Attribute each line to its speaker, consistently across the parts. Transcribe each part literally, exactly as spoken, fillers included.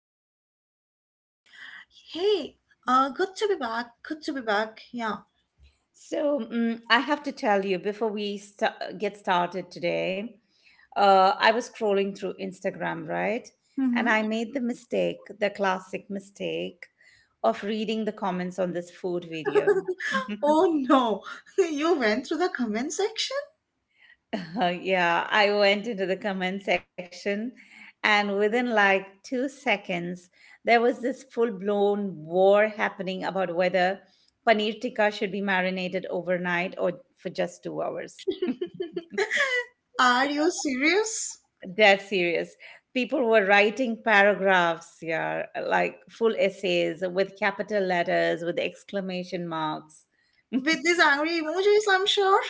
Speaker 1: today.
Speaker 2: Hey, uh, good to be back. Good to be back. Yeah.
Speaker 1: So, mm, I have to tell you before we sta- get started today, uh, I was scrolling through Instagram, right? And I
Speaker 2: Mm-hmm.
Speaker 1: made the mistake, the classic mistake, of reading the comments on this food video.
Speaker 2: Oh no, you went through the comment section?
Speaker 1: Uh, yeah, I went into the comment section, and within like two seconds, there was this full blown war happening about whether paneer tikka should be marinated overnight or for just two hours.
Speaker 2: Are you serious?
Speaker 1: Dead serious. People were writing paragraphs, yeah, like full essays with capital letters, with exclamation marks.
Speaker 2: With these angry emojis, I'm sure.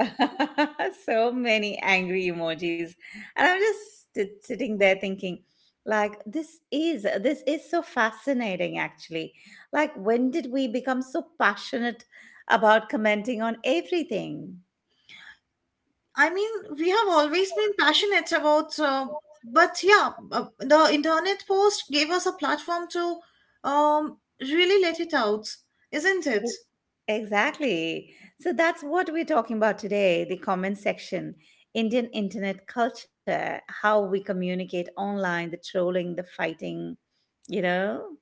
Speaker 1: So many angry emojis, and i'm just sit- sitting there thinking, like, this is this is so fascinating actually. Like, when did we become so passionate about commenting on everything?
Speaker 2: I mean, we have always been passionate about, uh, but yeah, uh, the internet post gave us a platform to um, really let it out, isn't it?
Speaker 1: Exactly. So that's what we're talking about today, the comment section, Indian internet culture, how we communicate online, the trolling, the fighting, you know?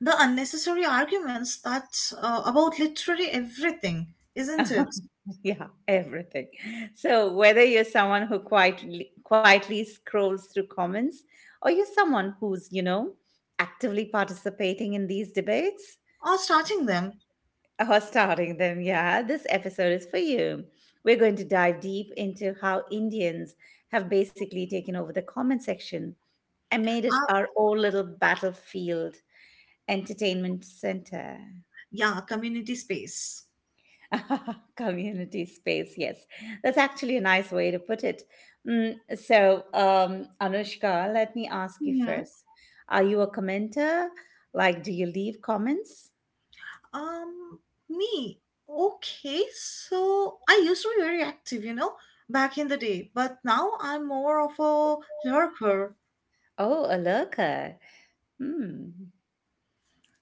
Speaker 2: The unnecessary arguments that uh, about literally everything, isn't it?
Speaker 1: Yeah, everything. So whether you're someone who quietly, quietly scrolls through comments or you're someone who's, you know, actively participating in these debates,
Speaker 2: Or starting them.
Speaker 1: oh, starting them, yeah. This episode is for you. We're going to dive deep into how Indians have basically taken over the comment section and made it
Speaker 2: Uh,
Speaker 1: our own little battlefield entertainment center.
Speaker 2: yeah, community space.
Speaker 1: Community space, yes. That's actually a nice way to put it. Mm, so, um, Anushka, let me ask you
Speaker 2: Mhm.
Speaker 1: first. Are you a commenter? Like, do you leave comments?
Speaker 2: Um, me. Okay, so I used to be very active, you know, back in the day, but now I'm more of a lurker.
Speaker 1: Oh, a lurker. Hmm.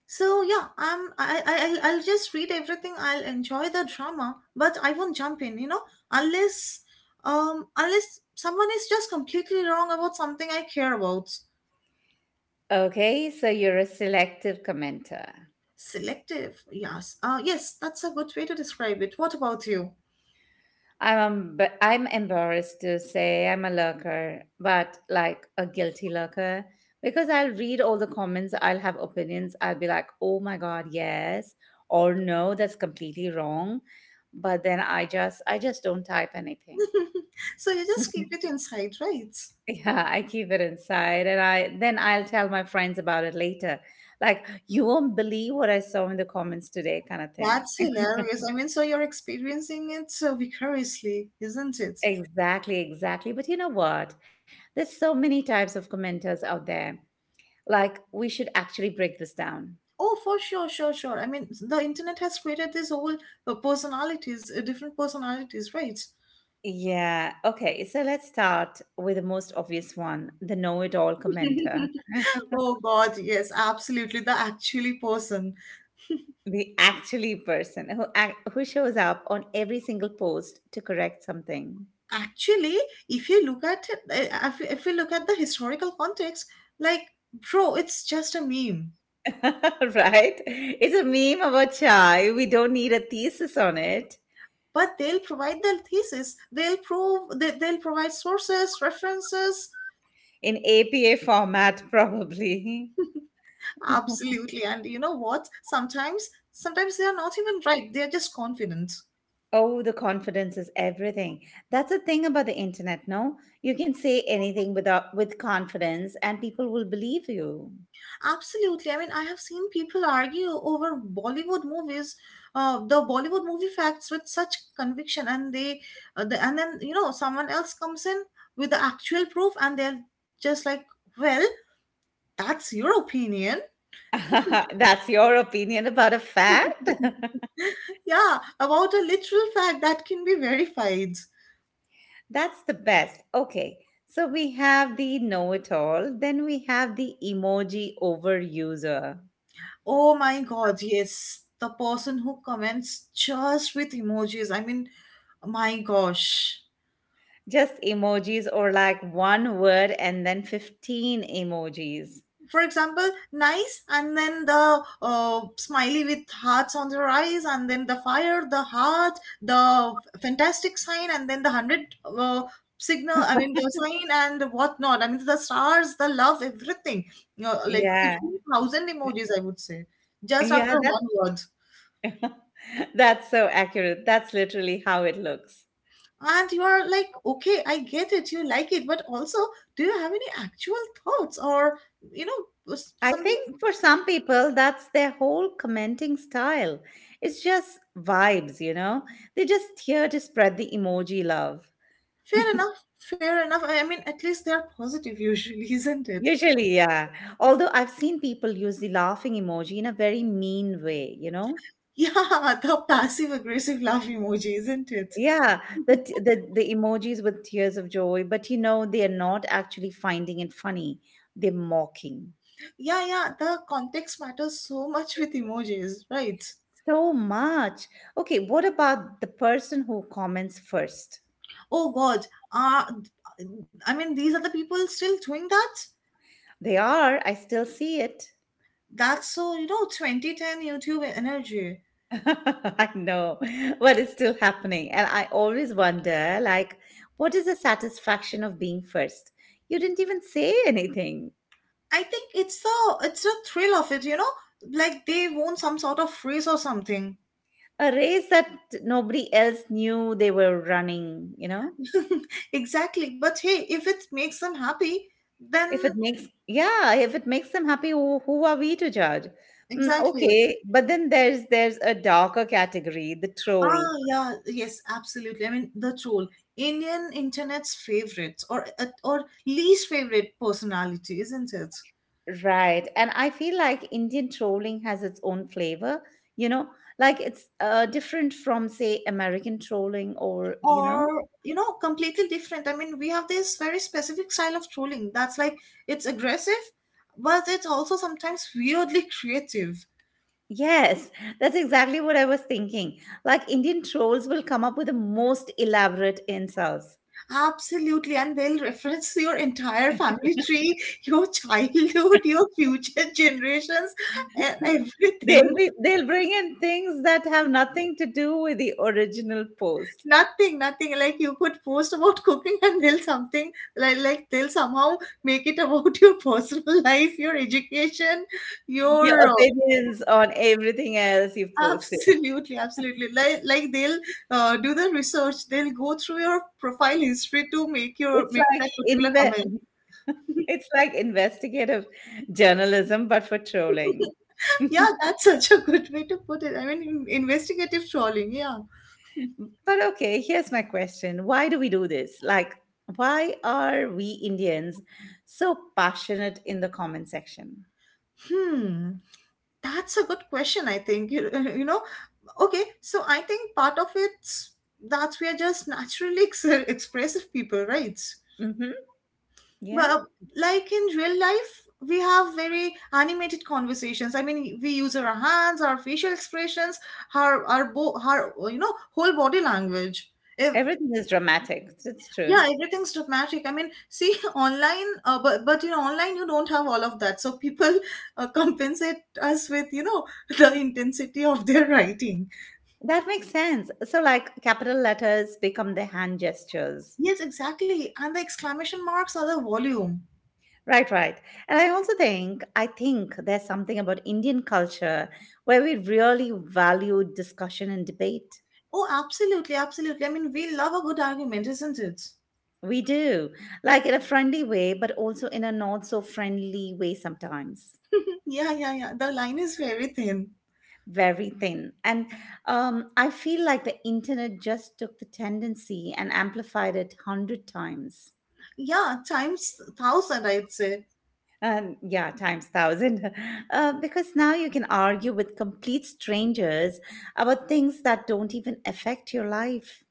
Speaker 2: So yeah, I'm I I I'll I'll just read everything. I'll enjoy the drama, but I won't jump in, you know, unless um unless someone is just completely wrong about something I care about.
Speaker 1: Okay, so you're a selective commenter.
Speaker 2: Selective, yes. Uh, yes, that's a good way to describe it. What about you?
Speaker 1: I'm emb- I'm embarrassed to say I'm a lurker, but like a guilty lurker, because I'll read all the comments, I'll have opinions, I'll be like, "Oh my god, yes," or "No, that's completely wrong." But then I just I just don't type anything.
Speaker 2: So you just keep it inside, right?
Speaker 1: Yeah, I keep it inside, and I then I'll tell my friends about it later. Like, you won't believe what I saw in the comments today kind of thing.
Speaker 2: That's hilarious. I mean, so you're experiencing it so vicariously, isn't it?
Speaker 1: Exactly, exactly. But you know what? There's so many types of commenters out there. Like, we should actually break this down.
Speaker 2: Oh, for sure, sure, sure. I mean, the internet has created this whole uh, personalities, uh, different personalities, right?
Speaker 1: Yeah, okay. So let's start with the most obvious one, the know-it-all commenter,
Speaker 2: Oh God, yes, absolutely. The actually person.
Speaker 1: the actually person who ac- who shows up on every single post to correct something.
Speaker 2: Actually, if you look at it, uh, if if you look at the historical context, like, bro, it's just a meme.
Speaker 1: Right? It's a meme about chai. We don't need a thesis on it
Speaker 2: But they'll provide the thesis. They'll prove that they'll provide sources, references.
Speaker 1: in A P A format, probably.
Speaker 2: Absolutely. And you know what? Sometimes, sometimes they are not even right. They are just confident.
Speaker 1: Oh, the confidence is everything. That's the thing about the internet, no? You can say anything without with confidence and people will believe you.
Speaker 2: Absolutely. I mean, I have seen people argue over Bollywood movies, uh, the Bollywood movie facts with such conviction, and they, uh, the, and then you know, someone else comes in with the actual proof, and they're just like, "Well, that's your opinion."
Speaker 1: That's your opinion about a fact?
Speaker 2: Yeah, about a literal fact that can be verified.
Speaker 1: That's the best. Okay. So we have the know it all, then we have the emoji overuser.
Speaker 2: Oh my god, yes. The person who comments just with emojis. I mean, my gosh.
Speaker 1: Just emojis or like one word and then fifteen emojis.
Speaker 2: For example, nice, and then the uh, smiley with hearts on their eyes, and then the fire, the heart, the fantastic sign, and then the hundred uh, signal. I mean, the sign and whatnot. I mean, the stars, the love, everything. You know, like
Speaker 1: Yeah.
Speaker 2: fifteen thousand emojis, I would say, just
Speaker 1: Yeah,
Speaker 2: after
Speaker 1: that's
Speaker 2: one word.
Speaker 1: that's so accurate. That's literally how it looks.
Speaker 2: And you are like, okay, I get it, you like it, but also do you have any actual thoughts or, you know, was
Speaker 1: I
Speaker 2: something.
Speaker 1: think for some people, that's their whole commenting style. It's just vibes, you know? They're just here to spread the emoji love.
Speaker 2: Fair enough fair enough i I mean, at least they're positive usually, isn't it?
Speaker 1: Usually, yeah. Although I've seen people use the laughing emoji in a very mean way, you know?
Speaker 2: Yeah, the passive aggressive laugh emoji, isn't it?
Speaker 1: Yeah, the, t- the the emojis with tears of joy, but you know they are not actually finding it funny. They're mocking
Speaker 2: Yeah, yeah, the context matters so much with emojis, right?
Speaker 1: so much. Okay, what about the person who comments first?
Speaker 2: Oh god. Uh, I mean, these are the people still doing that?
Speaker 1: They are, I still see it.
Speaker 2: That's so, you know, twenty ten YouTube energy.
Speaker 1: I know, but it's still happening. And I always wonder, like, what is the satisfaction of being first? You didn't even say anything.
Speaker 2: I think it's the, it's the thrill of it, you know, like they won some sort of race or something.
Speaker 1: A race that nobody else knew they were running, you know?
Speaker 2: Exactly. But hey, if it makes them happy,
Speaker 1: If it
Speaker 2: then
Speaker 1: makes, yeah, if it makes them happy, who, who are we to judge? Mm,
Speaker 2: exactly.
Speaker 1: okay, but then there's there's a darker category, the troll.
Speaker 2: Ah, yeah, yes, absolutely. I mean, the troll, Indian internet's favorite or, uh, or least favorite personality, isn't it?
Speaker 1: Right. And I feel like Indian trolling has its own flavor, you know, like it's uh, different from, say, American trolling or, you know,
Speaker 2: Or you know, completely different. I mean, we have this very specific style of trolling that's like it's aggressive, but it's also sometimes weirdly creative.
Speaker 1: yes, that's exactly what I was thinking. Like Indian trolls will come up with the most elaborate insults.
Speaker 2: Absolutely, and they'll reference your entire family tree, your childhood, your future generations, and
Speaker 1: They'll
Speaker 2: everything.
Speaker 1: be, they'll bring in things that have nothing to do with the original post.
Speaker 2: Nothing, nothing. Like you could post about cooking, and they'll something like like they'll somehow make it about your personal life, your education,
Speaker 1: Your
Speaker 2: your uh,
Speaker 1: opinions on everything else you've posted.
Speaker 2: absolutely, absolutely. Like like they'll uh, do the research. They'll go through your profile history to make your
Speaker 1: It's
Speaker 2: make
Speaker 1: like
Speaker 2: that particular
Speaker 1: inve
Speaker 2: comment.
Speaker 1: It's like investigative journalism, but for trolling.
Speaker 2: Yeah, that's such a good way to put it. I mean, in- investigative trolling. Yeah.
Speaker 1: But okay, here's my question. Why do we do this? Like, why are we Indians so passionate in the comment section?
Speaker 2: Hmm. That's a good question. I think you you know. Okay, so I think part of it's that we are just naturally ex- expressive people, right?
Speaker 1: Hmm. Yeah.
Speaker 2: But like in real life, we have very animated conversations. I mean, we use our hands, our facial expressions, our our bo- our you know whole body language. If
Speaker 1: Everything is dramatic. It's true.
Speaker 2: yeah, everything's dramatic. I mean, see, online, uh, but but you know, online you don't have all of that. So people uh, compensate us with, you know, the intensity of their writing.
Speaker 1: That makes sense. So, like, capital letters become the hand gestures.
Speaker 2: Yes, exactly. And the exclamation marks are the volume.
Speaker 1: Right, right. And I also think, I think there's something about Indian culture where we really value discussion and debate.
Speaker 2: Oh, absolutely, absolutely. I mean, we love a good argument, isn't it?
Speaker 1: We do, like in a friendly way, but also in a not so friendly way sometimes.
Speaker 2: Yeah, yeah, yeah. The line is very thin.
Speaker 1: Very thin. And um, I feel like the internet just took the tendency and amplified it one hundred times.
Speaker 2: Yeah, times thousand, I'd say.
Speaker 1: Um, yeah, times thousand. Uh, because now you can argue with complete strangers about things that don't even affect your life.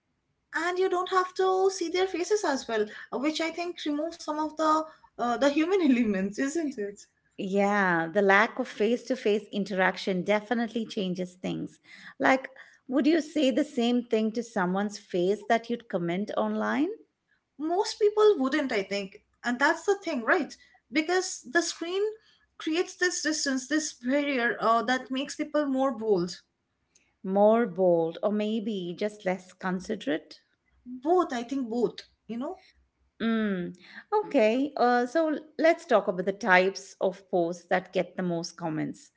Speaker 2: And you don't have to see their faces as well, uh, which I think removes some of the uh, the human elements, isn't it?
Speaker 1: Yeah, the lack of face to face interaction definitely changes things. Like, would you say the same thing to someone's face that you'd comment online?
Speaker 2: Most people wouldn't, I think, and that's the thing, right? Because the screen creates this distance, this barrier, uh, that makes people more bold.
Speaker 1: More bold, or maybe just less considerate?
Speaker 2: Both, I think, both, you know.
Speaker 1: Mm. Okay, uh, so l- let's talk about the types of posts that get the most comments.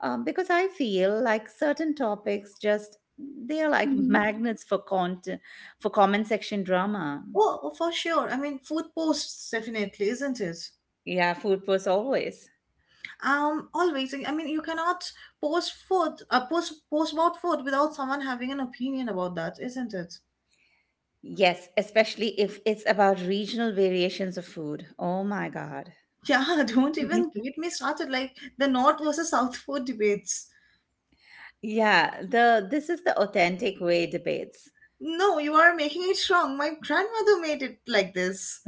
Speaker 1: Um, because I feel like certain topics just they are like magnets for content for comment section drama.
Speaker 2: Oh, for sure, I mean, food posts definitely, isn't it?
Speaker 1: Yeah, food posts always.
Speaker 2: Um, always. I mean, you cannot post food uh, post post about food without someone having an opinion about that, isn't it?
Speaker 1: Yes, especially if it's about regional variations of food. Oh my God.
Speaker 2: Yeah, don't even get me started, like the north versus south food debates.
Speaker 1: Yeah, the this is the authentic way debates.
Speaker 2: No, you are making it wrong. My grandmother made it like this.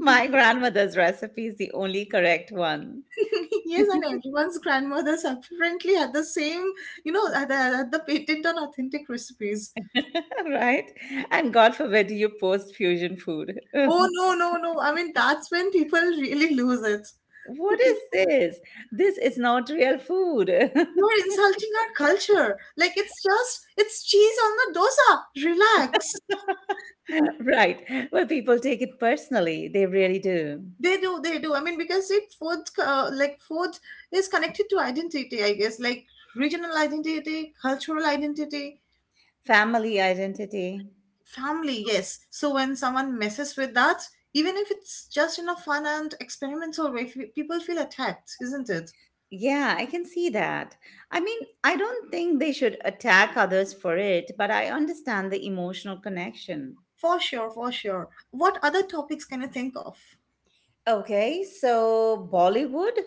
Speaker 1: My grandmother's recipe is the only correct one.
Speaker 2: Yes, and everyone's grandmothers apparently had the same, you know, had the, had the patent on authentic recipes.
Speaker 1: Right? And God forbid you post fusion food.
Speaker 2: Oh, no, no, no. I mean, that's when people really lose it.
Speaker 1: What is this? This is not real food.
Speaker 2: You're insulting our culture. Like, it's just, it's cheese on the dosa. Relax.
Speaker 1: Right. Well, people take it personally. They really do.
Speaker 2: They do, they do. I mean, because it food, uh, like, food is connected to identity, I guess, like regional identity, cultural identity.
Speaker 1: Family identity.
Speaker 2: Family, yes. So when someone messes with that, even if it's just in a fun and experimental way, fe- people feel attacked, isn't it?
Speaker 1: Yeah, I can see that. I mean, I don't think they should attack others for it, but I understand the emotional connection.
Speaker 2: For sure, for sure. What other topics can you think of?
Speaker 1: Okay, so Bollywood,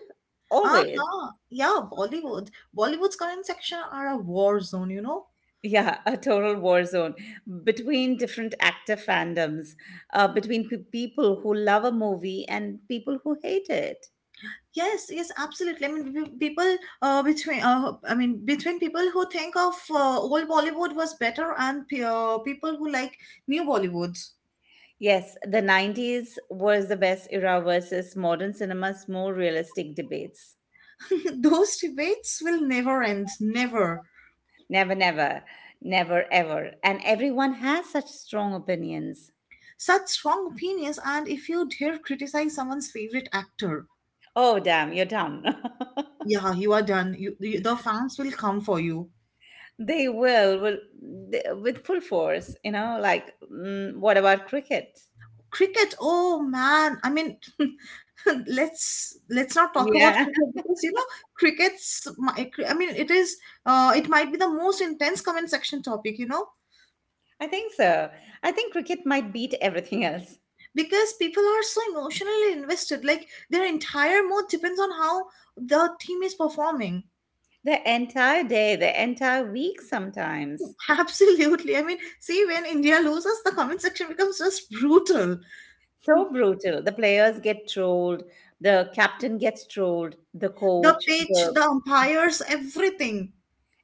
Speaker 1: always.
Speaker 2: Uh-huh. Yeah, Bollywood. Bollywood's current section are a war zone, you know?
Speaker 1: Yeah, a total war zone between different actor fandoms, uh, between pe- people who love a movie and people who hate it.
Speaker 2: Yes, yes, absolutely. I mean, pe- people uh, between uh, I mean between people who think of uh, old Bollywood was better and pe- uh, people who like new Bollywood.
Speaker 1: Yes, the nineties was the best era versus modern cinema's more realistic debates.
Speaker 2: Those debates will never end, never.
Speaker 1: Never, never, never, ever. And everyone has such strong opinions.
Speaker 2: Such strong opinions, and if you dare criticize someone's favorite actor,
Speaker 1: Oh, damn, you're down.
Speaker 2: yeah, you are done. You, you, the fans will come for you.
Speaker 1: They will, will they, with full force, you know, like, mm, what about cricket?
Speaker 2: Cricket, oh man, I mean, let's let's not talk about
Speaker 1: Yeah.
Speaker 2: cricket, because you know cricket's my- I mean it is, uh, it might be the most intense comment section topic, you know.
Speaker 1: I think so. I think cricket might beat everything else.
Speaker 2: Because people are so emotionally invested, like their entire mood depends on how the team is performing.
Speaker 1: The entire day, the entire week sometimes.
Speaker 2: Absolutely. I mean, see, when India loses, the comment section becomes just brutal.
Speaker 1: So brutal. The players get trolled, the captain gets trolled, the
Speaker 2: The
Speaker 1: coach,
Speaker 2: pitch,
Speaker 1: the
Speaker 2: the umpires, everything.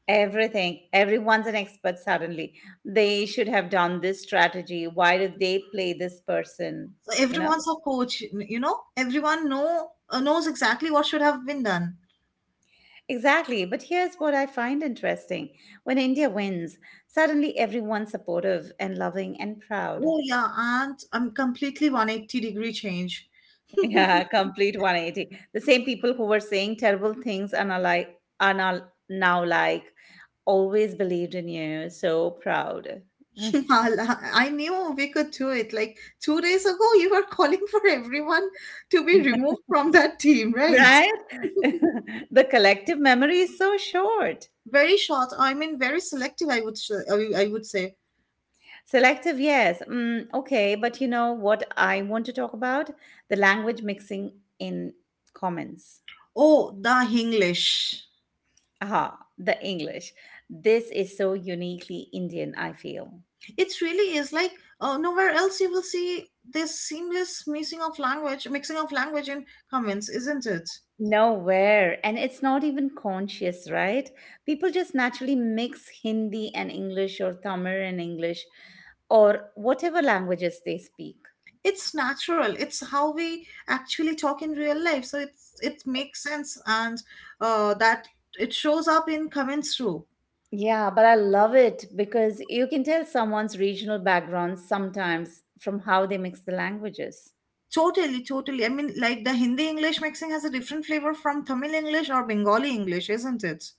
Speaker 1: everything. Everyone's an expert suddenly. They should have done this strategy. Why did they play this person?
Speaker 2: So
Speaker 1: You know?
Speaker 2: everyone's a coach. You know, everyone know uh, knows exactly what should have been done.
Speaker 1: Exactly. But here's what I find interesting. When India wins, suddenly everyone's supportive and loving and proud.
Speaker 2: Oh yeah, and I'm completely one eighty degree change.
Speaker 1: Yeah, complete one eighty. The same people who were saying terrible things and are like are now, now like always believed in you, so proud. Mm.
Speaker 2: Yeah, la- I knew we could do it. Like two days ago, you were calling for everyone to be removed from that team, right?
Speaker 1: Right? The collective memory is so short.
Speaker 2: Very short. I mean, very selective, I would sh- I I would say.
Speaker 1: Selective, yes. Mm, okay, but you know what I want to talk about? The language mixing in comments.
Speaker 2: Oh, the Hinglish.
Speaker 1: Aha, the English. This is so uniquely Indian, I feel.
Speaker 2: It really is like, uh, nowhere else you will see this seamless mixing of language, mixing of language and comments, isn't it?
Speaker 1: Nowhere. And it's not even conscious, right? People just naturally mix Hindi and English or Tamil and English or whatever languages they speak.
Speaker 2: It's natural. It's how we actually talk in real life. So it's, it makes sense, and uh, that it shows up in comments too.
Speaker 1: Yeah, but I love it because you can tell someone's regional background sometimes from how they mix the languages.
Speaker 2: Totally, totally. I mean, like the Hindi English mixing has a different flavor from Tamil English or Bengali English, isn't it?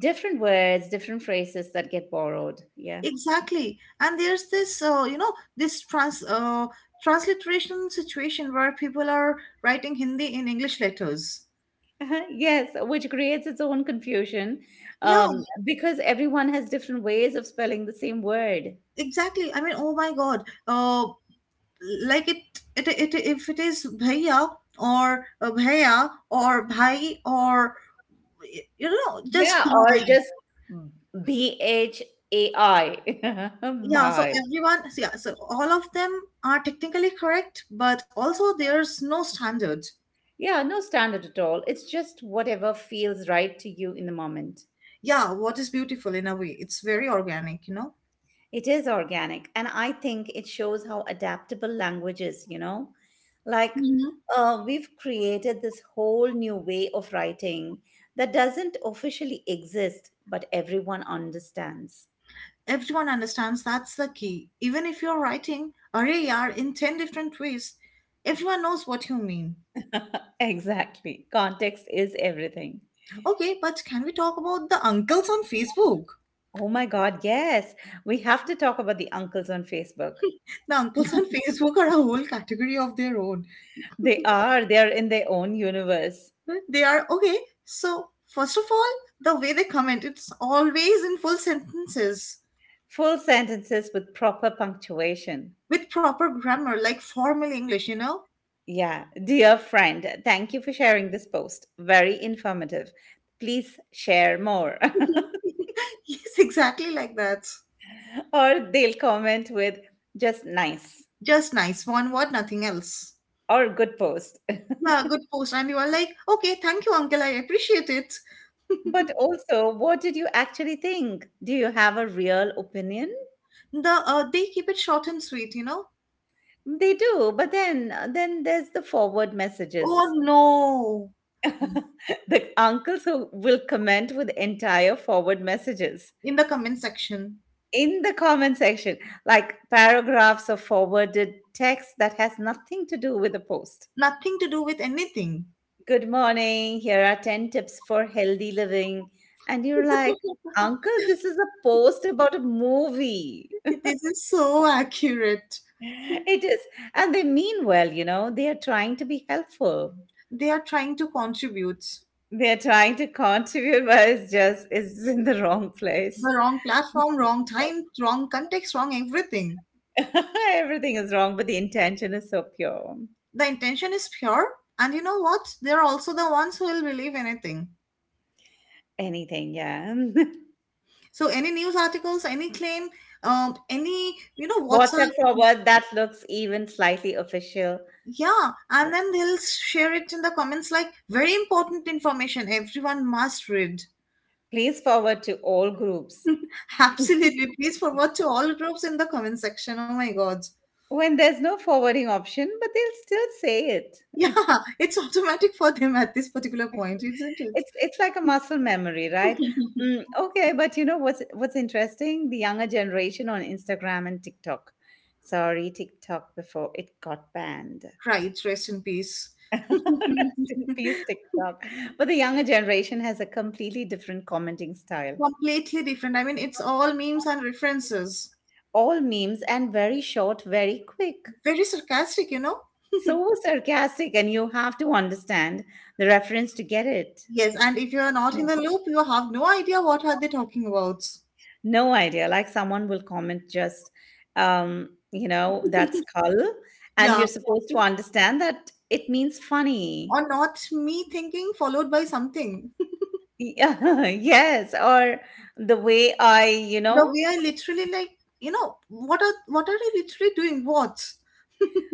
Speaker 1: Different words, different phrases that get borrowed. Yeah.
Speaker 2: Exactly. And there's this, uh, you know, this trans uh, transliteration situation where people are writing Hindi in English letters.
Speaker 1: Yes, which creates its own confusion,
Speaker 2: Yeah,
Speaker 1: um, because everyone has different ways of spelling the same word.
Speaker 2: exactly. I mean, oh my God. Uh, like it, it, it, if it is bhaiya or uh, bhaiya or bhai or, you know, just
Speaker 1: Yeah, or
Speaker 2: bhai.
Speaker 1: just B H A I.
Speaker 2: Yeah. So
Speaker 1: Bye.
Speaker 2: everyone, so yeah. So all of them are technically correct, but also there's no standard.
Speaker 1: Yeah, no standard at all. It's just whatever feels right to you in the moment.
Speaker 2: Yeah. What is beautiful, in a way, it's very organic, you
Speaker 1: It is organic, and I think it shows how adaptable language is, you know? Like,
Speaker 2: know.
Speaker 1: uh, we've created this whole new way of writing that doesn't officially exist, but everyone understands.
Speaker 2: Everyone understands, that's the key. Even if you're writing array are in ten different ways, everyone knows what you mean.
Speaker 1: Exactly. Context is everything.
Speaker 2: Okay, but can we talk about the uncles on Facebook?
Speaker 1: Oh my God, yes. We have to talk about the uncles on Facebook.
Speaker 2: The uncles on Facebook are a whole category of their own.
Speaker 1: They are, they are in their own universe.
Speaker 2: They are, okay, so first of all, the way they comment, it's always in full sentences
Speaker 1: Full sentences with proper punctuation.
Speaker 2: with proper grammar, like formal English, you know?
Speaker 1: Yeah. Dear friend, thank you for sharing this post. Very informative. Please share more.
Speaker 2: Yes, exactly like that.
Speaker 1: Or they'll comment with just nice
Speaker 2: Just nice, one word, nothing else.
Speaker 1: or good post.
Speaker 2: Yeah, good post. And you are like, okay, thank you, uncle. I appreciate it.
Speaker 1: But also, what did you actually think? Do you have a real opinion?
Speaker 2: The uh, they keep it short and sweet, you know.
Speaker 1: They do, but then then there's the forward
Speaker 2: Oh
Speaker 1: messages.
Speaker 2: no,
Speaker 1: The uncles who will comment with entire forward messages
Speaker 2: in the comment section,
Speaker 1: in the comment section, like paragraphs of forwarded text that has nothing to do with the post.
Speaker 2: nothing to do with anything.
Speaker 1: Good morning, here are ten tips for healthy living. And you're like, Uncle, this is a post about a movie.
Speaker 2: This is so accurate.
Speaker 1: It is. And they mean well, you know, they are trying to be helpful.
Speaker 2: They are trying to contribute.
Speaker 1: They are trying to contribute, but it's just, it's in the wrong place.
Speaker 2: The wrong platform, wrong time, wrong context, wrong everything.
Speaker 1: Everything is wrong, but the intention is so pure.
Speaker 2: The intention is pure, and you know what? They are also the ones who will believe anything.
Speaker 1: Anything, yeah.
Speaker 2: So any news articles, any claim, um, any you know WhatsApp.
Speaker 1: WhatsApp forward, that looks even slightly official.
Speaker 2: Yeah,
Speaker 1: Yeah.
Speaker 2: and then they'll share it in the comments like very important information. Everyone must read.
Speaker 1: Please forward to all groups.
Speaker 2: Absolutely. Please forward to all groups in the comment section. Oh my God.
Speaker 1: When there's no forwarding option, but they'll still say it.
Speaker 2: Yeah, it's automatic for them at this particular point, isn't it?
Speaker 1: It's it's like a muscle memory, right? Mm, okay, but you know what's what's interesting? The younger generation on Instagram and TikTok. Sorry, TikTok before it got banned.
Speaker 2: Right, rest in peace.
Speaker 1: Rest
Speaker 2: Completely
Speaker 1: in peace, TikTok. But the younger generation has a completely different commenting style.
Speaker 2: different. I mean, it's all memes and references.
Speaker 1: All memes and very short, very quick.
Speaker 2: Very sarcastic, you know?
Speaker 1: So sarcastic, and you have to understand the reference to get it.
Speaker 2: Yes, and if you are not in the loop, you have no idea what are they talking about.
Speaker 1: No idea. Like someone will comment just, um, you know, that skull, and
Speaker 2: Yeah,
Speaker 1: you're supposed to understand that it means funny.
Speaker 2: or not me thinking followed by something.
Speaker 1: Yeah, yes, or the way I, you
Speaker 2: The
Speaker 1: know,
Speaker 2: way I literally like, you know, what are what are they literally doing? What?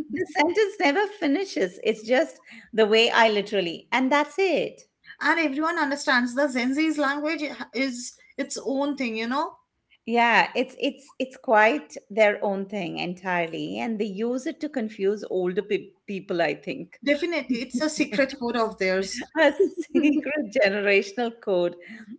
Speaker 1: The sentence never finishes. It's just the way I literally, and that's it.
Speaker 2: And everyone understands the Gen Z's language is its own thing, you know.
Speaker 1: Yeah, it's it's it's quite their own thing entirely, and they use it to confuse older pe- people, I think.
Speaker 2: Definitely, it's a secret code of theirs.
Speaker 1: A secret generational code.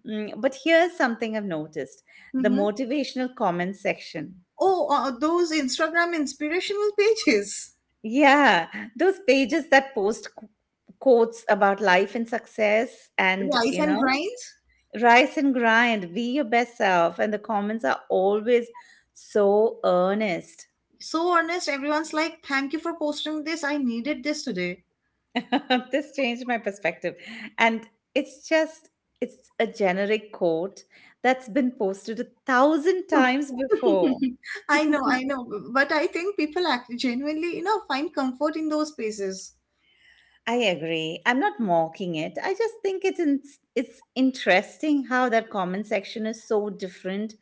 Speaker 1: Mm, but here's something I've noticed: the
Speaker 2: Hmm.
Speaker 1: motivational comments section.
Speaker 2: Oh, uh, those Instagram inspirational pages,
Speaker 1: Yeah, those pages that post qu- quotes about life and success, and
Speaker 2: rice
Speaker 1: you
Speaker 2: and
Speaker 1: know,
Speaker 2: grinds.
Speaker 1: rise and grind, be your best self, and the comments are always so earnest.
Speaker 2: So honest, everyone's like, "Thank you for posting this. I needed this today."
Speaker 1: This changed my perspective, and it's just it's a generic quote that's been posted a thousand times before.
Speaker 2: I know, I know, but I think people act genuinely, you know, find comfort in those spaces.
Speaker 1: I agree. I'm not mocking it. I just think it's in, it's interesting how that comment section is so different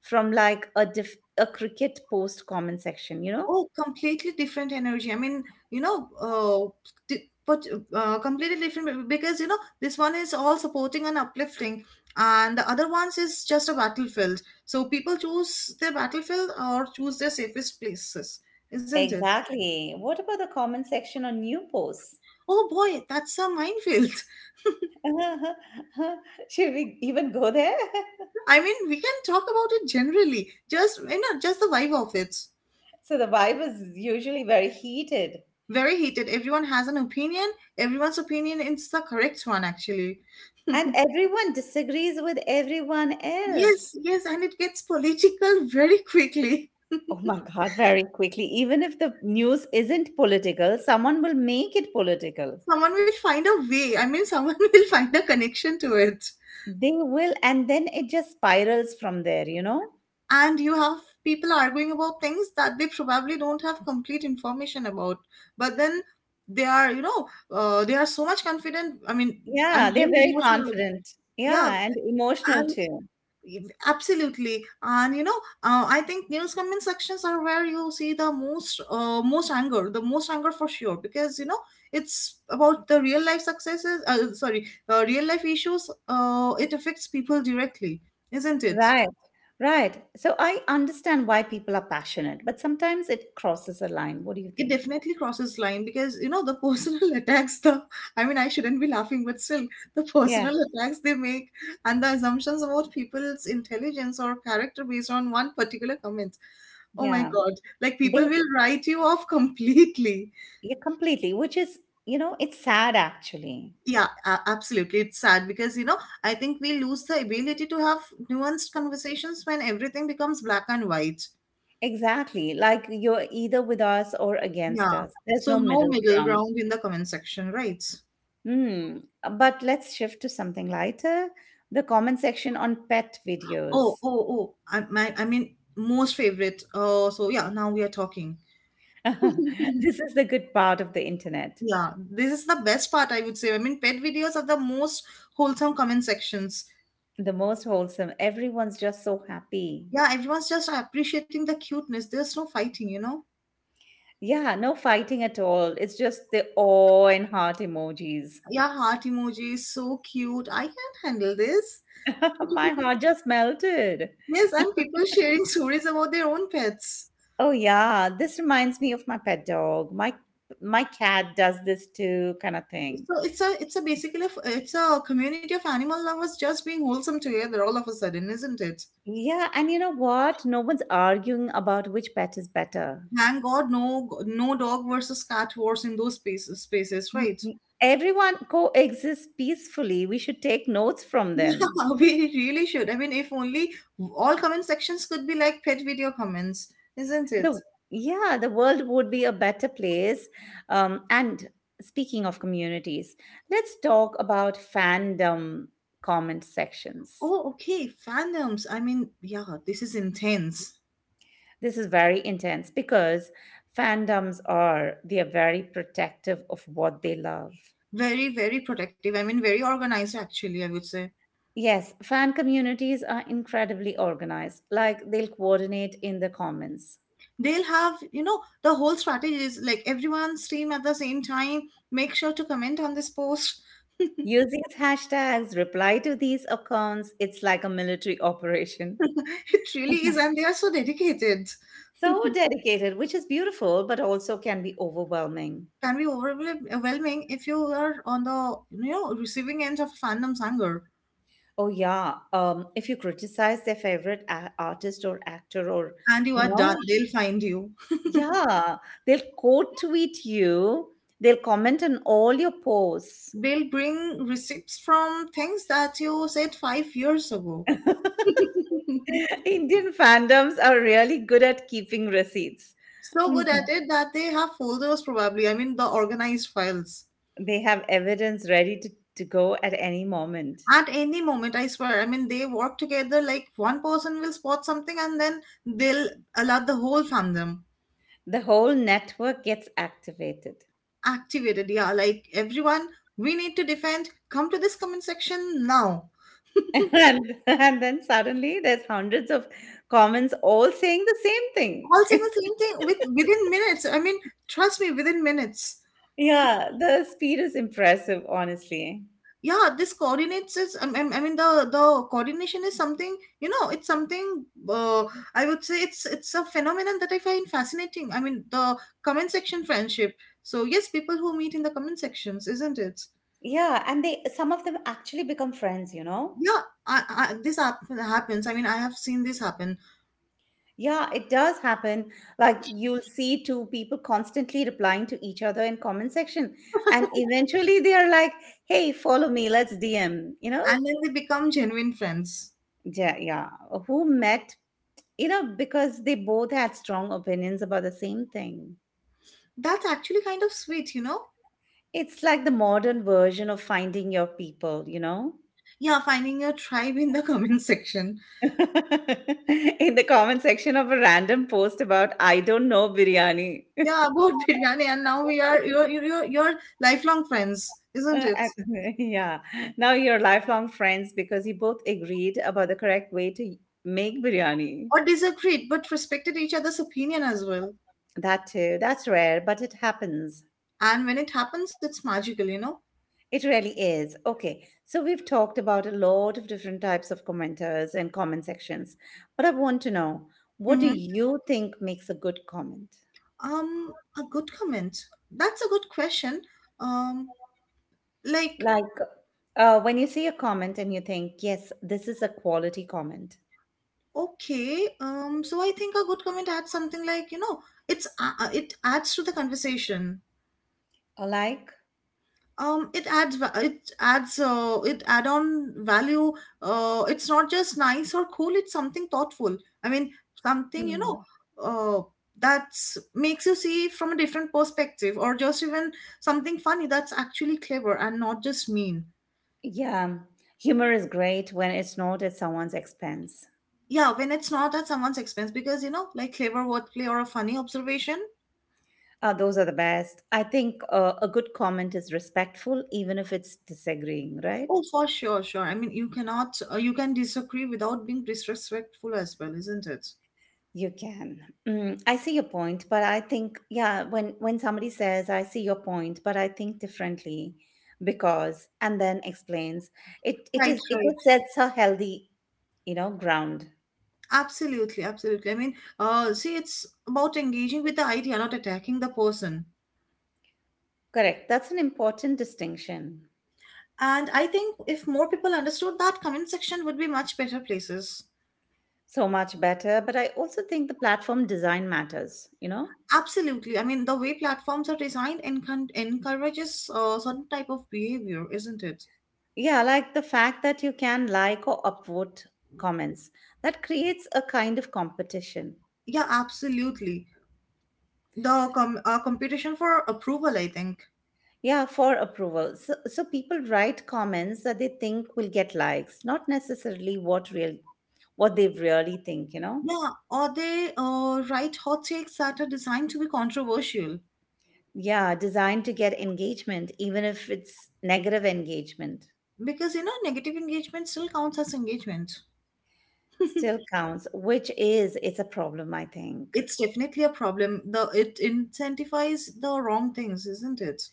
Speaker 1: from like a diff, a cricket post comment section, you know?
Speaker 2: Oh, completely different energy. I mean, you know, uh, di- but uh, completely different because you know this one is all supporting and uplifting, and the other ones is just a battlefield. So people choose their battlefield or choose their safest places, isn't it?
Speaker 1: Exactly. What about the comment section on new posts?
Speaker 2: Oh boy, that's a minefield.
Speaker 1: Should we even go there?
Speaker 2: I mean, we can talk about it generally, just you know, just the vibe of it.
Speaker 1: So the vibe is usually very heated,
Speaker 2: Very heated. Everyone has an opinion. Everyone's opinion is the correct one, actually.
Speaker 1: and everyone disagrees with everyone else.
Speaker 2: Yes, yes, and it gets political very quickly.
Speaker 1: Oh my God, very quickly. Even if the news isn't political, someone will make it political.
Speaker 2: Someone will find a way. I mean, someone will find a connection to it.
Speaker 1: They will, and then it just spirals from there, you know?
Speaker 2: And you have people arguing about things that they probably don't have complete information about. But then they are, you know, uh, they are so much confident. I mean, and
Speaker 1: Yeah, they're
Speaker 2: very
Speaker 1: very
Speaker 2: emotional.
Speaker 1: confident.
Speaker 2: Yeah,
Speaker 1: Yeah, and emotional
Speaker 2: and
Speaker 1: too.
Speaker 2: absolutely, and you know, uh, I think news comment sections are where you see the most uh, most anger the most anger for sure because you know it's about the real life successes uh, sorry uh, real life issues, uh, it affects people directly, isn't it?
Speaker 1: Right, right. So I understand why people are passionate, but sometimes it crosses a line. What do you
Speaker 2: It
Speaker 1: think?
Speaker 2: definitely crosses line because you know the personal attacks, the I mean I shouldn't be laughing, but still the
Speaker 1: Yeah,
Speaker 2: personal attacks they make, and the assumptions about people's intelligence or character based on one particular comment. Oh my
Speaker 1: yeah.
Speaker 2: God, like people
Speaker 1: Bas-
Speaker 2: will write you off completely.
Speaker 1: Yeah, completely, which is, you know, it's sad actually.
Speaker 2: Yeah, a- absolutely it's sad because you know I think we lose the ability to have nuanced conversations when everything becomes black and white.
Speaker 1: Exactly. Like you're either with us or against
Speaker 2: Yeah,
Speaker 1: us. There's
Speaker 2: so
Speaker 1: no
Speaker 2: no
Speaker 1: middle
Speaker 2: middle
Speaker 1: ground.
Speaker 2: ground in the comment section, right?
Speaker 1: Hmm. uh, But let's shift to something lighter. The comment section on pet
Speaker 2: Oh,
Speaker 1: videos.
Speaker 2: oh, oh! I, my, I mean, most favorite. Uh, so yeah, now we are talking.
Speaker 1: This is the good part of the internet.
Speaker 2: Yeah, this is the best part, I would say. I mean, pet videos are the most wholesome comment sections.
Speaker 1: The most wholesome. Everyone's just so happy.
Speaker 2: Yeah, everyone's just appreciating the cuteness. There's no fighting, you know.
Speaker 1: Yeah, no fighting at all. It's just the awe and heart emojis.
Speaker 2: Yeah, heart emojis, so cute. I can handle this.
Speaker 1: My heart just melted.
Speaker 2: Yes, and people sharing stories about their own pets.
Speaker 1: Oh yeah, this reminds me of my pet dog. My my cat does this too, kind of thing.
Speaker 2: So it's a, it's a basically, a f- it's a community of animal lovers just being wholesome together all of a sudden, isn't it?
Speaker 1: Yeah, and you know what? No one's arguing about which pet is better.
Speaker 2: Thank God, no, no dog versus cat wars in those spaces, spaces,
Speaker 1: Mm,
Speaker 2: right?
Speaker 1: mm. Everyone coexists peacefully. We should take notes from
Speaker 2: Yeah,
Speaker 1: them.
Speaker 2: we really should. I mean, if only all comment sections could be like pet video comments, isn't it?
Speaker 1: The Yeah, the world would be a better place. Um, and speaking of communities, let's talk about fandom comment sections.
Speaker 2: Oh, okay, fandoms. I mean, yeah, this is intense.
Speaker 1: This is very intense because fandoms are they are very protective of what they love.
Speaker 2: Very, very protective. I mean, very organized, actually, I would say.
Speaker 1: Yes, fan communities are incredibly organized, like they'll coordinate in the comments.
Speaker 2: They'll have, you know, the whole strategy is like everyone's team at the same time. Make sure to comment on this post.
Speaker 1: Use these hashtags, reply to these accounts. It's like a military operation.
Speaker 2: It really is, and they are so dedicated.
Speaker 1: So dedicated, which is beautiful, but also can be overwhelming.
Speaker 2: Can be overwhelming if you are on the you know receiving end of fandom's anger,
Speaker 1: Oh, yeah. Um, if you criticize their favorite a- artist or actor, or,
Speaker 2: and you
Speaker 1: you
Speaker 2: are done,
Speaker 1: know,
Speaker 2: they'll find you.
Speaker 1: yeah, they'll quote tweet you, they'll comment on all your posts.
Speaker 2: They'll bring receipts from things that you said five years ago.
Speaker 1: Indian fandoms are really good at keeping receipts.
Speaker 2: so
Speaker 1: Mhm.
Speaker 2: good at it that they have folders probably. I mean the organized files,
Speaker 1: They have evidence ready to, to go at any moment.
Speaker 2: at any moment. I swear, I mean they work together like one person will spot something and then they'll alert the whole fandom.
Speaker 1: The whole network gets activated.
Speaker 2: Activated, yeah, like everyone, we need to defend, come to this comment section now.
Speaker 1: and, and then suddenly there's hundreds of comments all saying the same thing.
Speaker 2: All saying the same thing with within minutes. I mean, trust me, within minutes.
Speaker 1: Yeah, the speed is impressive, honestly.
Speaker 2: Yeah, this coordinates is. I mean, I mean the the coordination is something. You know, it's something. Uh, I would say it's it's a phenomenon that I find fascinating. I mean, the comment section friendship. So yes, people who meet in the comment sections, isn't it?
Speaker 1: Yeah, and they some of them actually become friends, you know?
Speaker 2: Yeah, I, I, this hap- happens. I mean, I have seen this happen,
Speaker 1: Yeah, it does happen. Like you'll see two people constantly replying to each other in comment section, and eventually they are like, "Hey, follow me. Let's D M." You know?
Speaker 2: and then they become genuine friends.
Speaker 1: Yeah, yeah. Who met? You know, because they both had strong opinions about the same thing.
Speaker 2: That's actually kind of sweet, you know.
Speaker 1: It's like the modern version of finding your people. You know?
Speaker 2: Yeah, finding your tribe in the comment section.
Speaker 1: In the comment section of a random post about, I don't know, biryani.
Speaker 2: Yeah, about biryani, and now we are you're you're, you're you're lifelong friends, isn't
Speaker 1: Uh,
Speaker 2: it?
Speaker 1: ac- yeah. Now you're lifelong friends because you both agreed about the correct way to make biryani.
Speaker 2: Or disagreed, but respected each other's opinion as well.
Speaker 1: That too. That's rare, but it happens.
Speaker 2: And when it happens, it's magical, you know.
Speaker 1: It really is. Okay. So we've talked about a lot of different types of commenters and comment sections. But I want to know, what do
Speaker 2: Hmm.
Speaker 1: you think makes a good comment?
Speaker 2: Um, a good comment. That's a good question. Um, like
Speaker 1: Like uh, when you see a comment and you think, yes, this is a quality comment.
Speaker 2: okay. Um, so I think a good comment adds something, like you know, it's uh, uh, it adds to the conversation.
Speaker 1: Or like,
Speaker 2: um it adds va- it adds uh, it add on value. uh it's not just nice or cool, it's something thoughtful. I mean something, you know,
Speaker 1: hmm.
Speaker 2: uh that's makes you see from a different perspective, or just even something funny that's actually clever and not just mean.
Speaker 1: Yeah, humor is great when it's not at someone's expense.
Speaker 2: Yeah, when it's not at someone's expense, because you know, like clever wordplay or a funny observation.
Speaker 1: Uh, those are the best. I think uh, a good comment is respectful, even if it's disagreeing, right?
Speaker 2: Oh, for sure, sure. I mean you cannot uh, you can disagree without being disrespectful as well, isn't it?
Speaker 1: You can. Mm, I see your point, but I think, yeah, when, when somebody says, I see your point, but I think differently because, and then explains, it, it
Speaker 2: Right,
Speaker 1: is, it
Speaker 2: right.
Speaker 1: just sets a healthy, you know, ground.
Speaker 2: Absolutely, absolutely. I mean, uh, see, it's about engaging with the idea, not attacking the person.
Speaker 1: Correct. That's an important distinction.
Speaker 2: And I think if more people understood that, comment section would be much better places.
Speaker 1: So much better. But I also think the platform design matters, you know?
Speaker 2: Absolutely. I mean, the way platforms are designed encon- encourages uh, certain type of behavior, isn't it?
Speaker 1: Yeah, like the fact that you can like or upvote comments. That creates a kind of competition.
Speaker 2: Yeah, absolutely. The com- uh, competition for approval, I think.
Speaker 1: Yeah, for approval. So, so people write comments that they think will get likes, not necessarily what real what they really think, you know?
Speaker 2: Yeah, or they uh, write hot takes that are designed to be controversial
Speaker 1: Yeah, designed to get engagement, even if it's negative engagement,
Speaker 2: because you know negative engagement still counts as engagement.
Speaker 1: still counts, which is it's a problem, I think.
Speaker 2: It's definitely a problem. The it incentivizes the wrong things, isn't it?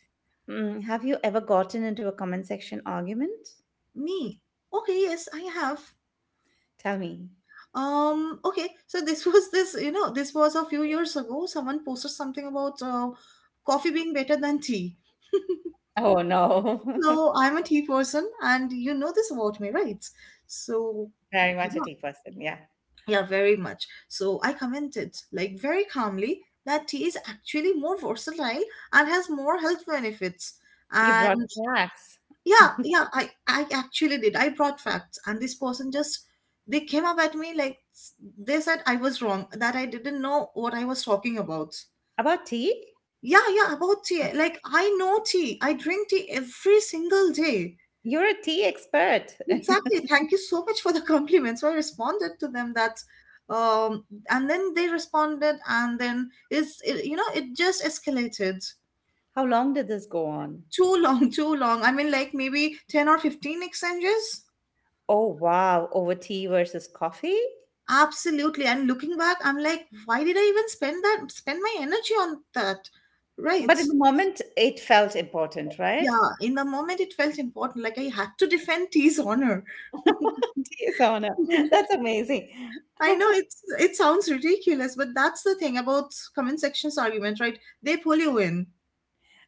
Speaker 1: Mm, have you ever gotten into a comment section argument?
Speaker 2: Me. Okay, yes, I have.
Speaker 1: Tell me.
Speaker 2: Um, okay, so this was this, you know, this was a few years ago. Someone posted something about uh, coffee being better than tea.
Speaker 1: Oh no.
Speaker 2: So I'm a tea person, and you know this about me, right? So
Speaker 1: Very
Speaker 2: yeah,
Speaker 1: much a tea person. Yeah.
Speaker 2: yeah, very much. So I commented like very calmly that tea is actually more versatile and has more health benefits.
Speaker 1: You brought
Speaker 2: And
Speaker 1: snacks.
Speaker 2: yeah, yeah, i i actually did, I brought facts, and this person just, they came up at me like, they said I was wrong, that I didn't know what I was talking about.
Speaker 1: About tea?
Speaker 2: Yeah, yeah, about tea, like I know tea, I drink tea every single day.
Speaker 1: You're a tea expert.
Speaker 2: Exactly, thank you so much for the compliments. So I responded to them that um and then they responded, and then is it, you know, it just escalated.
Speaker 1: How long did this go on?
Speaker 2: Too long, too long, I mean like maybe ten or fifteen exchanges.
Speaker 1: Oh, wow. Over tea versus coffee?
Speaker 2: Absolutely. And looking back, I'm like, why did I even spend that spend my energy on that? Right.
Speaker 1: But in the moment, it felt important, right?
Speaker 2: Yeah. In the moment it felt important. Like I had to defend T's honor.
Speaker 1: Tea is honor. That's amazing.
Speaker 2: I know it's, it sounds ridiculous, but that's the thing about comment sections argument, right? They pull you in.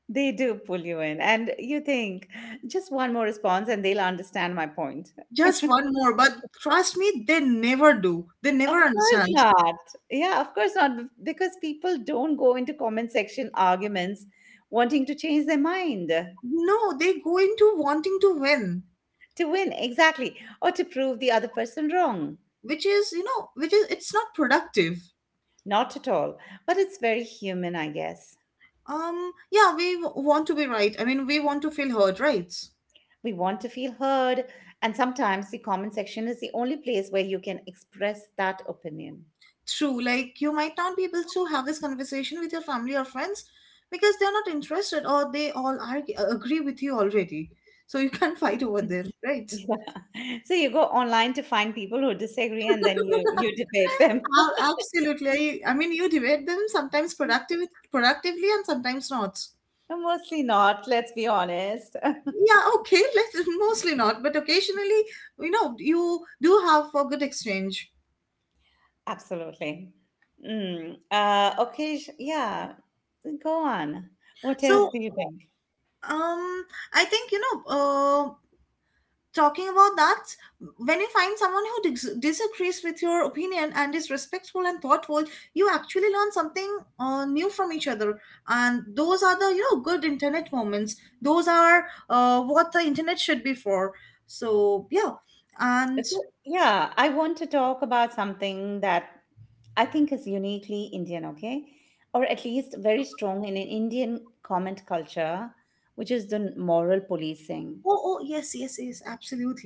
Speaker 1: They do pull you in. And you think, just one more response and they'll understand my point.
Speaker 2: Just one more, but trust me, they never do. They
Speaker 1: Of
Speaker 2: never
Speaker 1: course
Speaker 2: understand.
Speaker 1: not. Yeah, of course not. b- Because people don't go into comment section arguments wanting to change their mind.
Speaker 2: No, they go into wanting to win,
Speaker 1: To win, exactly, or to prove the other person wrong.
Speaker 2: which is, you know, which is it's not productive.
Speaker 1: Not at all, but it's very human, I guess.
Speaker 2: Um, yeah, we w- want to be right. I mean, we want to feel heard, right?
Speaker 1: We want to feel heard, and sometimes the comment section is the only place where you can express that opinion.
Speaker 2: True. Like, you might not be able to have this conversation with your family or friends because they're not interested, or they all argue, agree with you already. So you can't fight over them, right?
Speaker 1: Yeah. So you go online to find people who disagree, and then you you debate them.
Speaker 2: Ab- Absolutely. I mean, you debate them sometimes productive, productively, and sometimes not.
Speaker 1: Mostly not, let's be honest.
Speaker 2: Yeah, okay, let's mostly not, but occasionally, you know, you do have a good exchange.
Speaker 1: Absolutely. Mm. Uh, okay, sh- yeah. Go on. What else
Speaker 2: So,
Speaker 1: do you think?
Speaker 2: um, I think you know, uh, talking about that, when you find someone who dis- disagrees with your opinion and is respectful and thoughtful, you actually learn something uh, new from each other, and those are the you know good internet moments. Those are uh, what the internet should be for. So yeah, and
Speaker 1: So, Yeah, I want to talk about something that I think is uniquely Indian, okay? Or at least very strong in an Indian comment culture, which is the moral policing.
Speaker 2: oh, oh yes, yes, yes,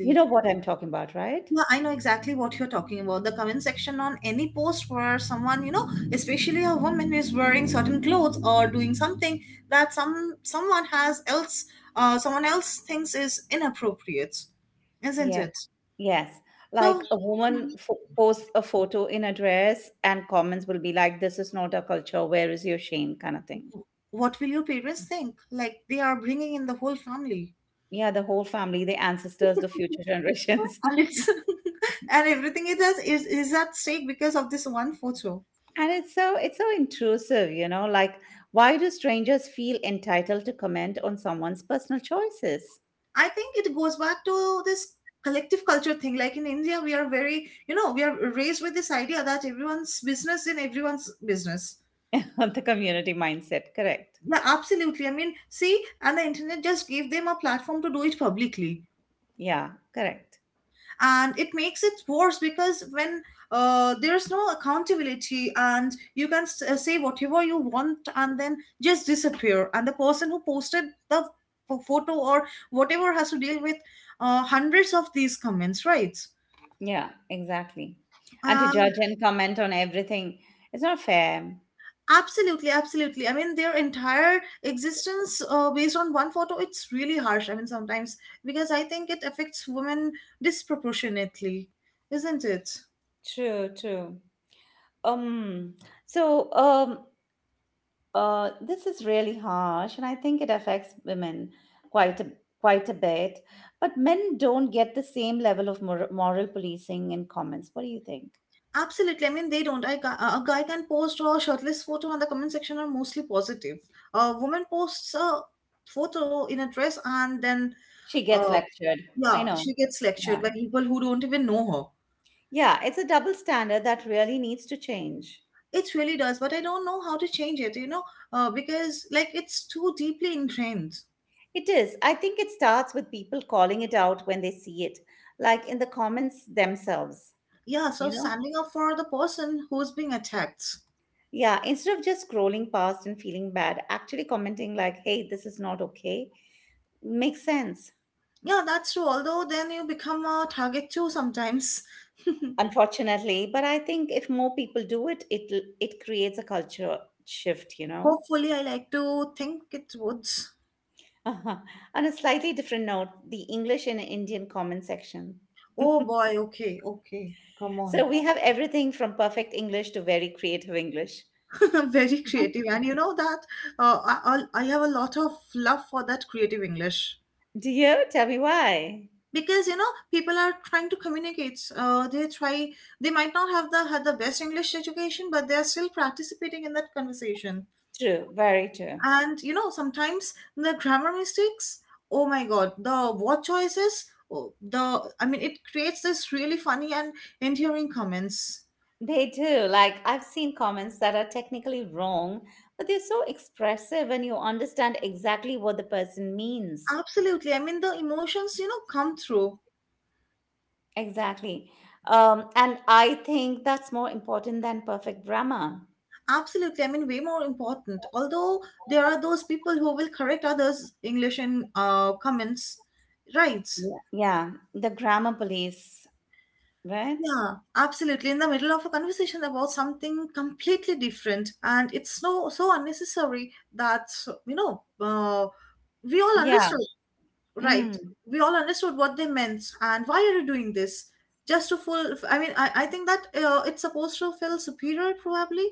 Speaker 1: You know what I'm talking about, right?
Speaker 2: Yeah, I know exactly what you're talking about. The comment section on any post where someone, you know, especially a woman, is wearing certain clothes or doing something that some someone has else, uh, someone else thinks is inappropriate, isn't
Speaker 1: Yes,
Speaker 2: it?
Speaker 1: yes.
Speaker 2: So,
Speaker 1: Like a woman fo- posts a photo in a dress, and comments will be like, "This is not a culture, where is your shame?" kind of thing.
Speaker 2: what will your parents think? Like they are bringing in the whole family,
Speaker 1: Yeah, the whole family, the ancestors, the future generations.
Speaker 2: and it's and everything it is is, is at stake because of this one photo.
Speaker 1: And it's so it's so intrusive, you know, like why do strangers feel entitled to comment on someone's personal choices?
Speaker 2: I think it goes back to this collective culture thing. Like in India, we are very, you know, we are raised with this idea that everyone's business in everyone's business.
Speaker 1: The community mindset, correct.
Speaker 2: Yeah, absolutely. I mean, see, and the internet just gave them a platform to do it publicly.
Speaker 1: Yeah, correct.
Speaker 2: And it makes it worse because when uh, there's no accountability and you can s- uh, say whatever you want and then just disappear, and the person who posted the ph- photo or whatever has to deal with uh, hundreds of these comments, right?
Speaker 1: Yeah, exactly. And to judge and comment on everything, it's not fair.
Speaker 2: Absolutely, absolutely. I mean, their entire existence uh, based on one photo, it's really harsh. I mean, sometimes because I think it affects women disproportionately, isn't it?
Speaker 1: True, true. Um so um uh this is really harsh, and I think it affects women quite a quite a bit. But men don't get the same level of mor- moral policing and comments. What do you think?
Speaker 2: Absolutely. I mean, they don't. I, ca- a guy can post a shirtless photo, and the comment section are mostly positive. A woman posts a photo in a dress, and then,
Speaker 1: She gets
Speaker 2: uh,
Speaker 1: lectured. I
Speaker 2: yeah,
Speaker 1: know.
Speaker 2: she gets
Speaker 1: Yeah.
Speaker 2: lectured by people who don't even know her.
Speaker 1: Yeah, it's a double standard that really needs to change.
Speaker 2: It really does, but I don't know how to change it, you know, uh, because like it's too deeply ingrained.
Speaker 1: It is. I think it starts with people calling it out when they see it, like in the comments themselves,
Speaker 2: Yeah, so
Speaker 1: you know?
Speaker 2: standing up for the person who's being attacked.
Speaker 1: Yeah, instead of just scrolling past and feeling bad, actually commenting like, hey, this is not okay, makes sense,
Speaker 2: Yeah, that's true. Although then you become a target too sometimes.
Speaker 1: unfortunately. But I think if more people do it, it it creates a culture shift, you know?
Speaker 2: Hopefully, I like to think it would.
Speaker 1: On a slightly different note, the English and Indian comment section.
Speaker 2: Oh boy, okay, okay, come
Speaker 1: So
Speaker 2: on.
Speaker 1: we have everything from perfect English to very creative English.
Speaker 2: Very creative. And you know that uh, I, I'll- I have a lot of love for that creative English.
Speaker 1: Do you? Tell me why.
Speaker 2: Because you know, people are trying to communicate. Uh, they try. They might not have the had the best English education, but they are still participating in that conversation.
Speaker 1: True, very true.
Speaker 2: And you know, sometimes the grammar mistakes, oh my god, the word choices, oh, the I mean, it creates this really funny and endearing comments.
Speaker 1: They do. Like, I've seen comments that are technically wrong, but they're so expressive and you understand exactly what the person means.
Speaker 2: Absolutely. I mean, the emotions, you know, come through.
Speaker 1: Exactly. Um, and I think that's more important than perfect grammar.
Speaker 2: Absolutely. I mean, way more important. Although there are those people who will correct others' English in uh, comments, right?
Speaker 1: Yeah. Yeah. The grammar police, right?
Speaker 2: Yeah, absolutely. In the middle of a conversation about something completely different, and it's so so unnecessary that you know uh, we all
Speaker 1: Yeah.
Speaker 2: understood, right?
Speaker 1: Mm,
Speaker 2: We all understood what they meant, and why are you doing this? Just to full. I mean, I, I think that uh, it's supposed to feel superior, probably.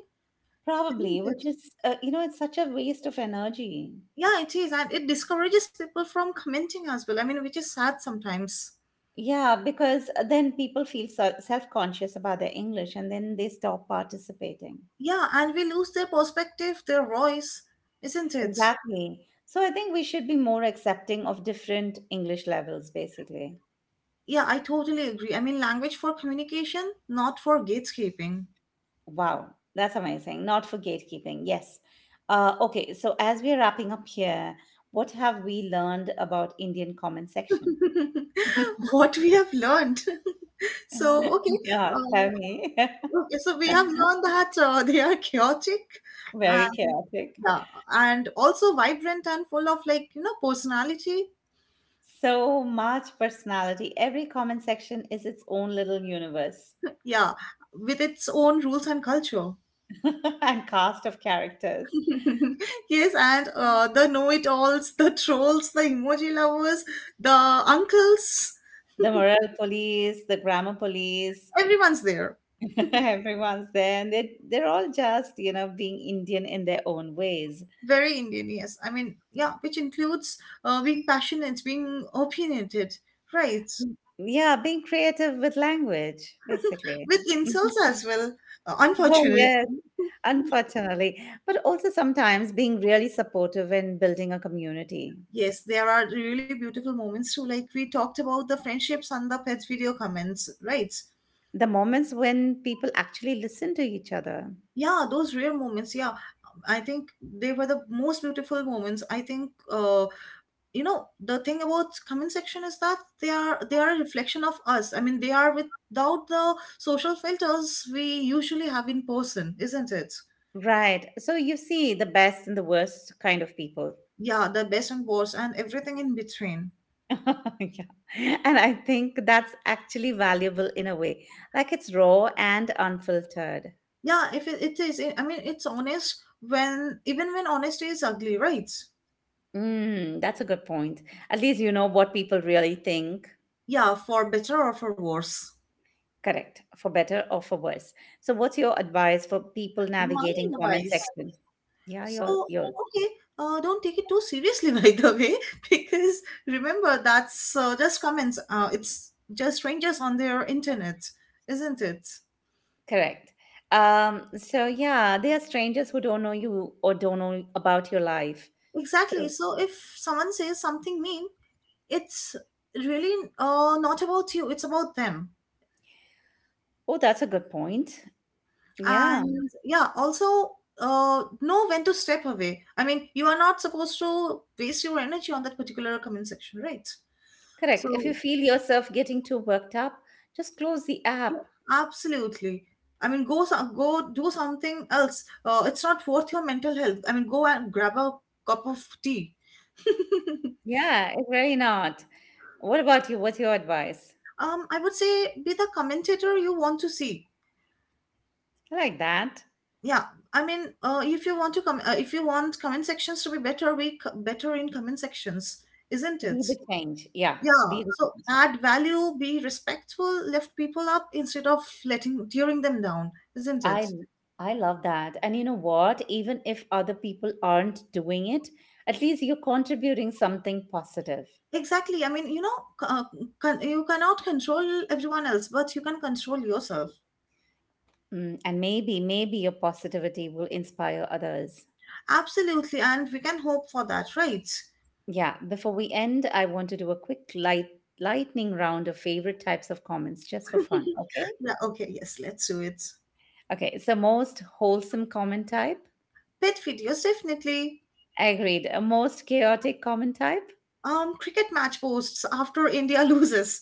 Speaker 2: Isn't
Speaker 1: probably,
Speaker 2: it?
Speaker 1: which is, uh, you know, it's such a waste of energy.
Speaker 2: Yeah, it is, and it discourages people from commenting as well. I mean, which is sad sometimes.
Speaker 1: Yeah, because uh, then people feel so self-conscious about their English and then they stop participating.
Speaker 2: Yeah, and we lose their perspective, their voice, isn't it?
Speaker 1: Exactly. So I think we should be more accepting of different English levels, basically.
Speaker 2: Yeah, I totally agree. I mean, language for communication, not for gatekeeping.
Speaker 1: Wow, that's amazing. Not for gatekeeping. Yes. Uh, okay, so as we're wrapping up here, what have we learned about Indian comment section?
Speaker 2: What we have learned. So, okay,
Speaker 1: Yeah, tell
Speaker 2: uh,
Speaker 1: me.
Speaker 2: okay, so we have learned that uh, they are chaotic
Speaker 1: Very
Speaker 2: and,
Speaker 1: chaotic.
Speaker 2: yeah, and also vibrant and full of like, you know, personality.
Speaker 1: So much personality. Every comment section is its own little universe.
Speaker 2: Yeah, with its own rules and culture.
Speaker 1: And cast of characters.
Speaker 2: Yes, and uh, the know it alls, the trolls, the emoji lovers, the uncles,
Speaker 1: The morale police, the grammar police,
Speaker 2: everyone's there.
Speaker 1: everyone's there, and they they're all just, you know, being Indian in their own ways.
Speaker 2: Very Indian, yes. I mean, yeah, which includes uh, being passionate, being opinionated, right?
Speaker 1: Yeah, being creative with language, basically.
Speaker 2: With
Speaker 1: Mhm.
Speaker 2: insults as well. Uh,
Speaker 1: Oh,
Speaker 2: unfortunate.
Speaker 1: yes, unfortunately. But also sometimes being really supportive in building a community.
Speaker 2: Yes, there are really beautiful moments too. Like we talked about the friendships and the pet video comments, right?
Speaker 1: The moments when people actually listen to each other.
Speaker 2: Yeah, those rare moments. Yeah, I think they were the most beautiful moments. I think uh, you know the thing about comment section is that they are they are a reflection of us. I mean, they are without the social filters we usually have in person, isn't it?
Speaker 1: Right. So you see the best and the worst kind of people.
Speaker 2: Yeah, the best and worst and everything in between.
Speaker 1: Yeah. And I think that's actually valuable in a way. Like it's raw and unfiltered.
Speaker 2: Yeah, if it, it is. I mean, it's honest, when even when honesty is ugly, right?
Speaker 1: Mm, that's a good point. At least you know what people really think.
Speaker 2: Yeah, for better or for worse.
Speaker 1: Correct. For better or for worse. So what's your advice for people
Speaker 2: My
Speaker 1: navigating comment
Speaker 2: advice.
Speaker 1: section? Yeah, you're
Speaker 2: So,
Speaker 1: you're
Speaker 2: okay, uh, don't take it too seriously, by the way, because remember that's uh, just comments. Uh, it's just strangers on their internet, isn't it?
Speaker 1: correct. Um, so yeah, they are strangers who don't know you or don't know about your life.
Speaker 2: Exactly.
Speaker 1: So
Speaker 2: So, if someone says something mean, it's really uh, not about you, it's about them.
Speaker 1: oh that's a good point. Yeah.
Speaker 2: And yeah, also uh, know when to step away. I mean, you are not supposed to waste your energy on that particular comment section, right?
Speaker 1: Correct. If you
Speaker 2: So,
Speaker 1: feel yourself getting too worked up, just close the app.
Speaker 2: absolutely. I mean, go some, go do something else. Uh, it's not worth your mental health. I mean, go and grab a cup of tea.
Speaker 1: Yeah, it's really not. What about you? What's your advice?
Speaker 2: Um, I would say be the commentator you want to see.
Speaker 1: I like that.
Speaker 2: Yeah, I mean, uh, if you want to come, uh, if you want comment sections to be better, we c- better in comment sections, isn't
Speaker 1: Be
Speaker 2: it?
Speaker 1: the change. Yeah,
Speaker 2: Yeah.
Speaker 1: be the
Speaker 2: So
Speaker 1: change.
Speaker 2: add value, be respectful, lift people up instead of letting tearing them down, isn't
Speaker 1: I
Speaker 2: it?
Speaker 1: I love that. And you know what? Even if other people aren't doing it, at least you're contributing something positive.
Speaker 2: Exactly. I mean, you know, c- uh, con- you cannot control everyone else, but you can control yourself.
Speaker 1: Mm, and maybe, maybe your positivity will inspire others.
Speaker 2: Absolutely. And we can hope for that, right?
Speaker 1: Yeah. Before we end, I want to do a quick light lightning round of favorite types of comments just for fun. Okay.
Speaker 2: Yeah, okay, yes, let's do it.
Speaker 1: Okay, so most wholesome comment type?
Speaker 2: Pet videos, definitely.
Speaker 1: Agreed. Uh, Most chaotic comment type?
Speaker 2: Um, cricket match posts after India loses.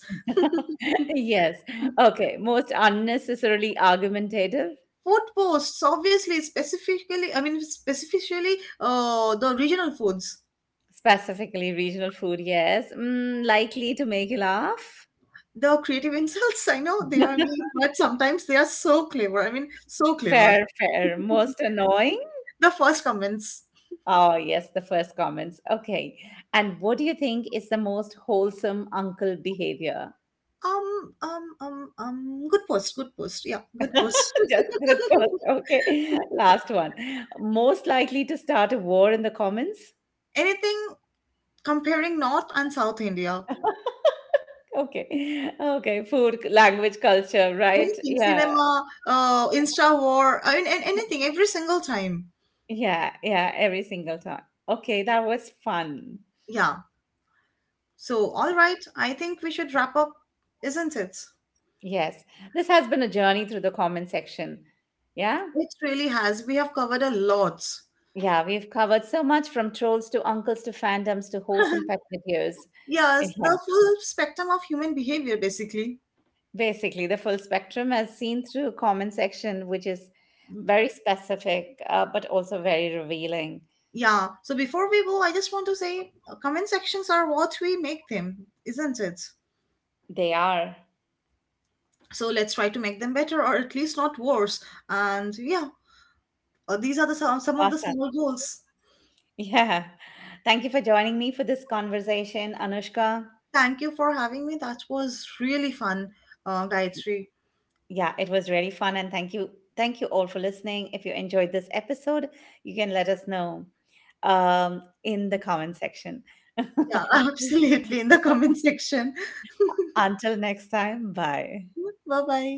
Speaker 1: Yes. Okay, most unnecessarily argumentative?
Speaker 2: Food posts, obviously, specifically, I mean, specifically uh, the regional foods.
Speaker 1: Specifically regional food, yes. Mm, likely to make you laugh?
Speaker 2: The creative insults, I know they are mean, but sometimes they are so clever. I mean, so clever.
Speaker 1: Fair, fair. Most annoying?
Speaker 2: The first comments.
Speaker 1: Oh, yes, the first comments. Okay. And what do you think is the most wholesome uncle behavior?
Speaker 2: Um, um, um, um, good post, good post. Yeah, good post.
Speaker 1: Just good person. Okay. Last one. Most likely to start a war in the comments?
Speaker 2: Anything comparing North and South India?
Speaker 1: Okay. Okay. Food, language, culture, right?
Speaker 2: Anything,
Speaker 1: Yeah.
Speaker 2: cinema, uh, Insta war, I mean, an- anything, every single time.
Speaker 1: Yeah. Yeah. Every single time. Okay. That was fun.
Speaker 2: Yeah. So, all right, I think we should wrap up, isn't it?
Speaker 1: Yes. This has been a journey through the comment section. Yeah.
Speaker 2: It really has. We have covered a lot.
Speaker 1: Yeah. We've covered so much from trolls to uncles to fandoms to wholesome pet videos.
Speaker 2: Yes,
Speaker 1: Yeah.
Speaker 2: the full spectrum of human behavior, basically.
Speaker 1: Basically, the full spectrum as seen through comment section, which is very specific, uh, but also very revealing.
Speaker 2: Yeah. So, before we go, I just want to say uh, comment sections are what we make them, isn't it?
Speaker 1: They are
Speaker 2: So let's try to make them better or at least not worse. And yeah, uh, these are the some, some of the
Speaker 1: awesome.
Speaker 2: small goals.
Speaker 1: Yeah. Thank you for joining me for this conversation, Anushka.
Speaker 2: Thank you for having me. That was really fun, uh, Gayatri.
Speaker 1: Yeah, it was really fun. And thank you. Thank you all for listening. If you enjoyed this episode, you can let us know um, in the comment section.
Speaker 2: Yeah, absolutely, in the comment section.
Speaker 1: Until next time, bye.
Speaker 2: Bye bye.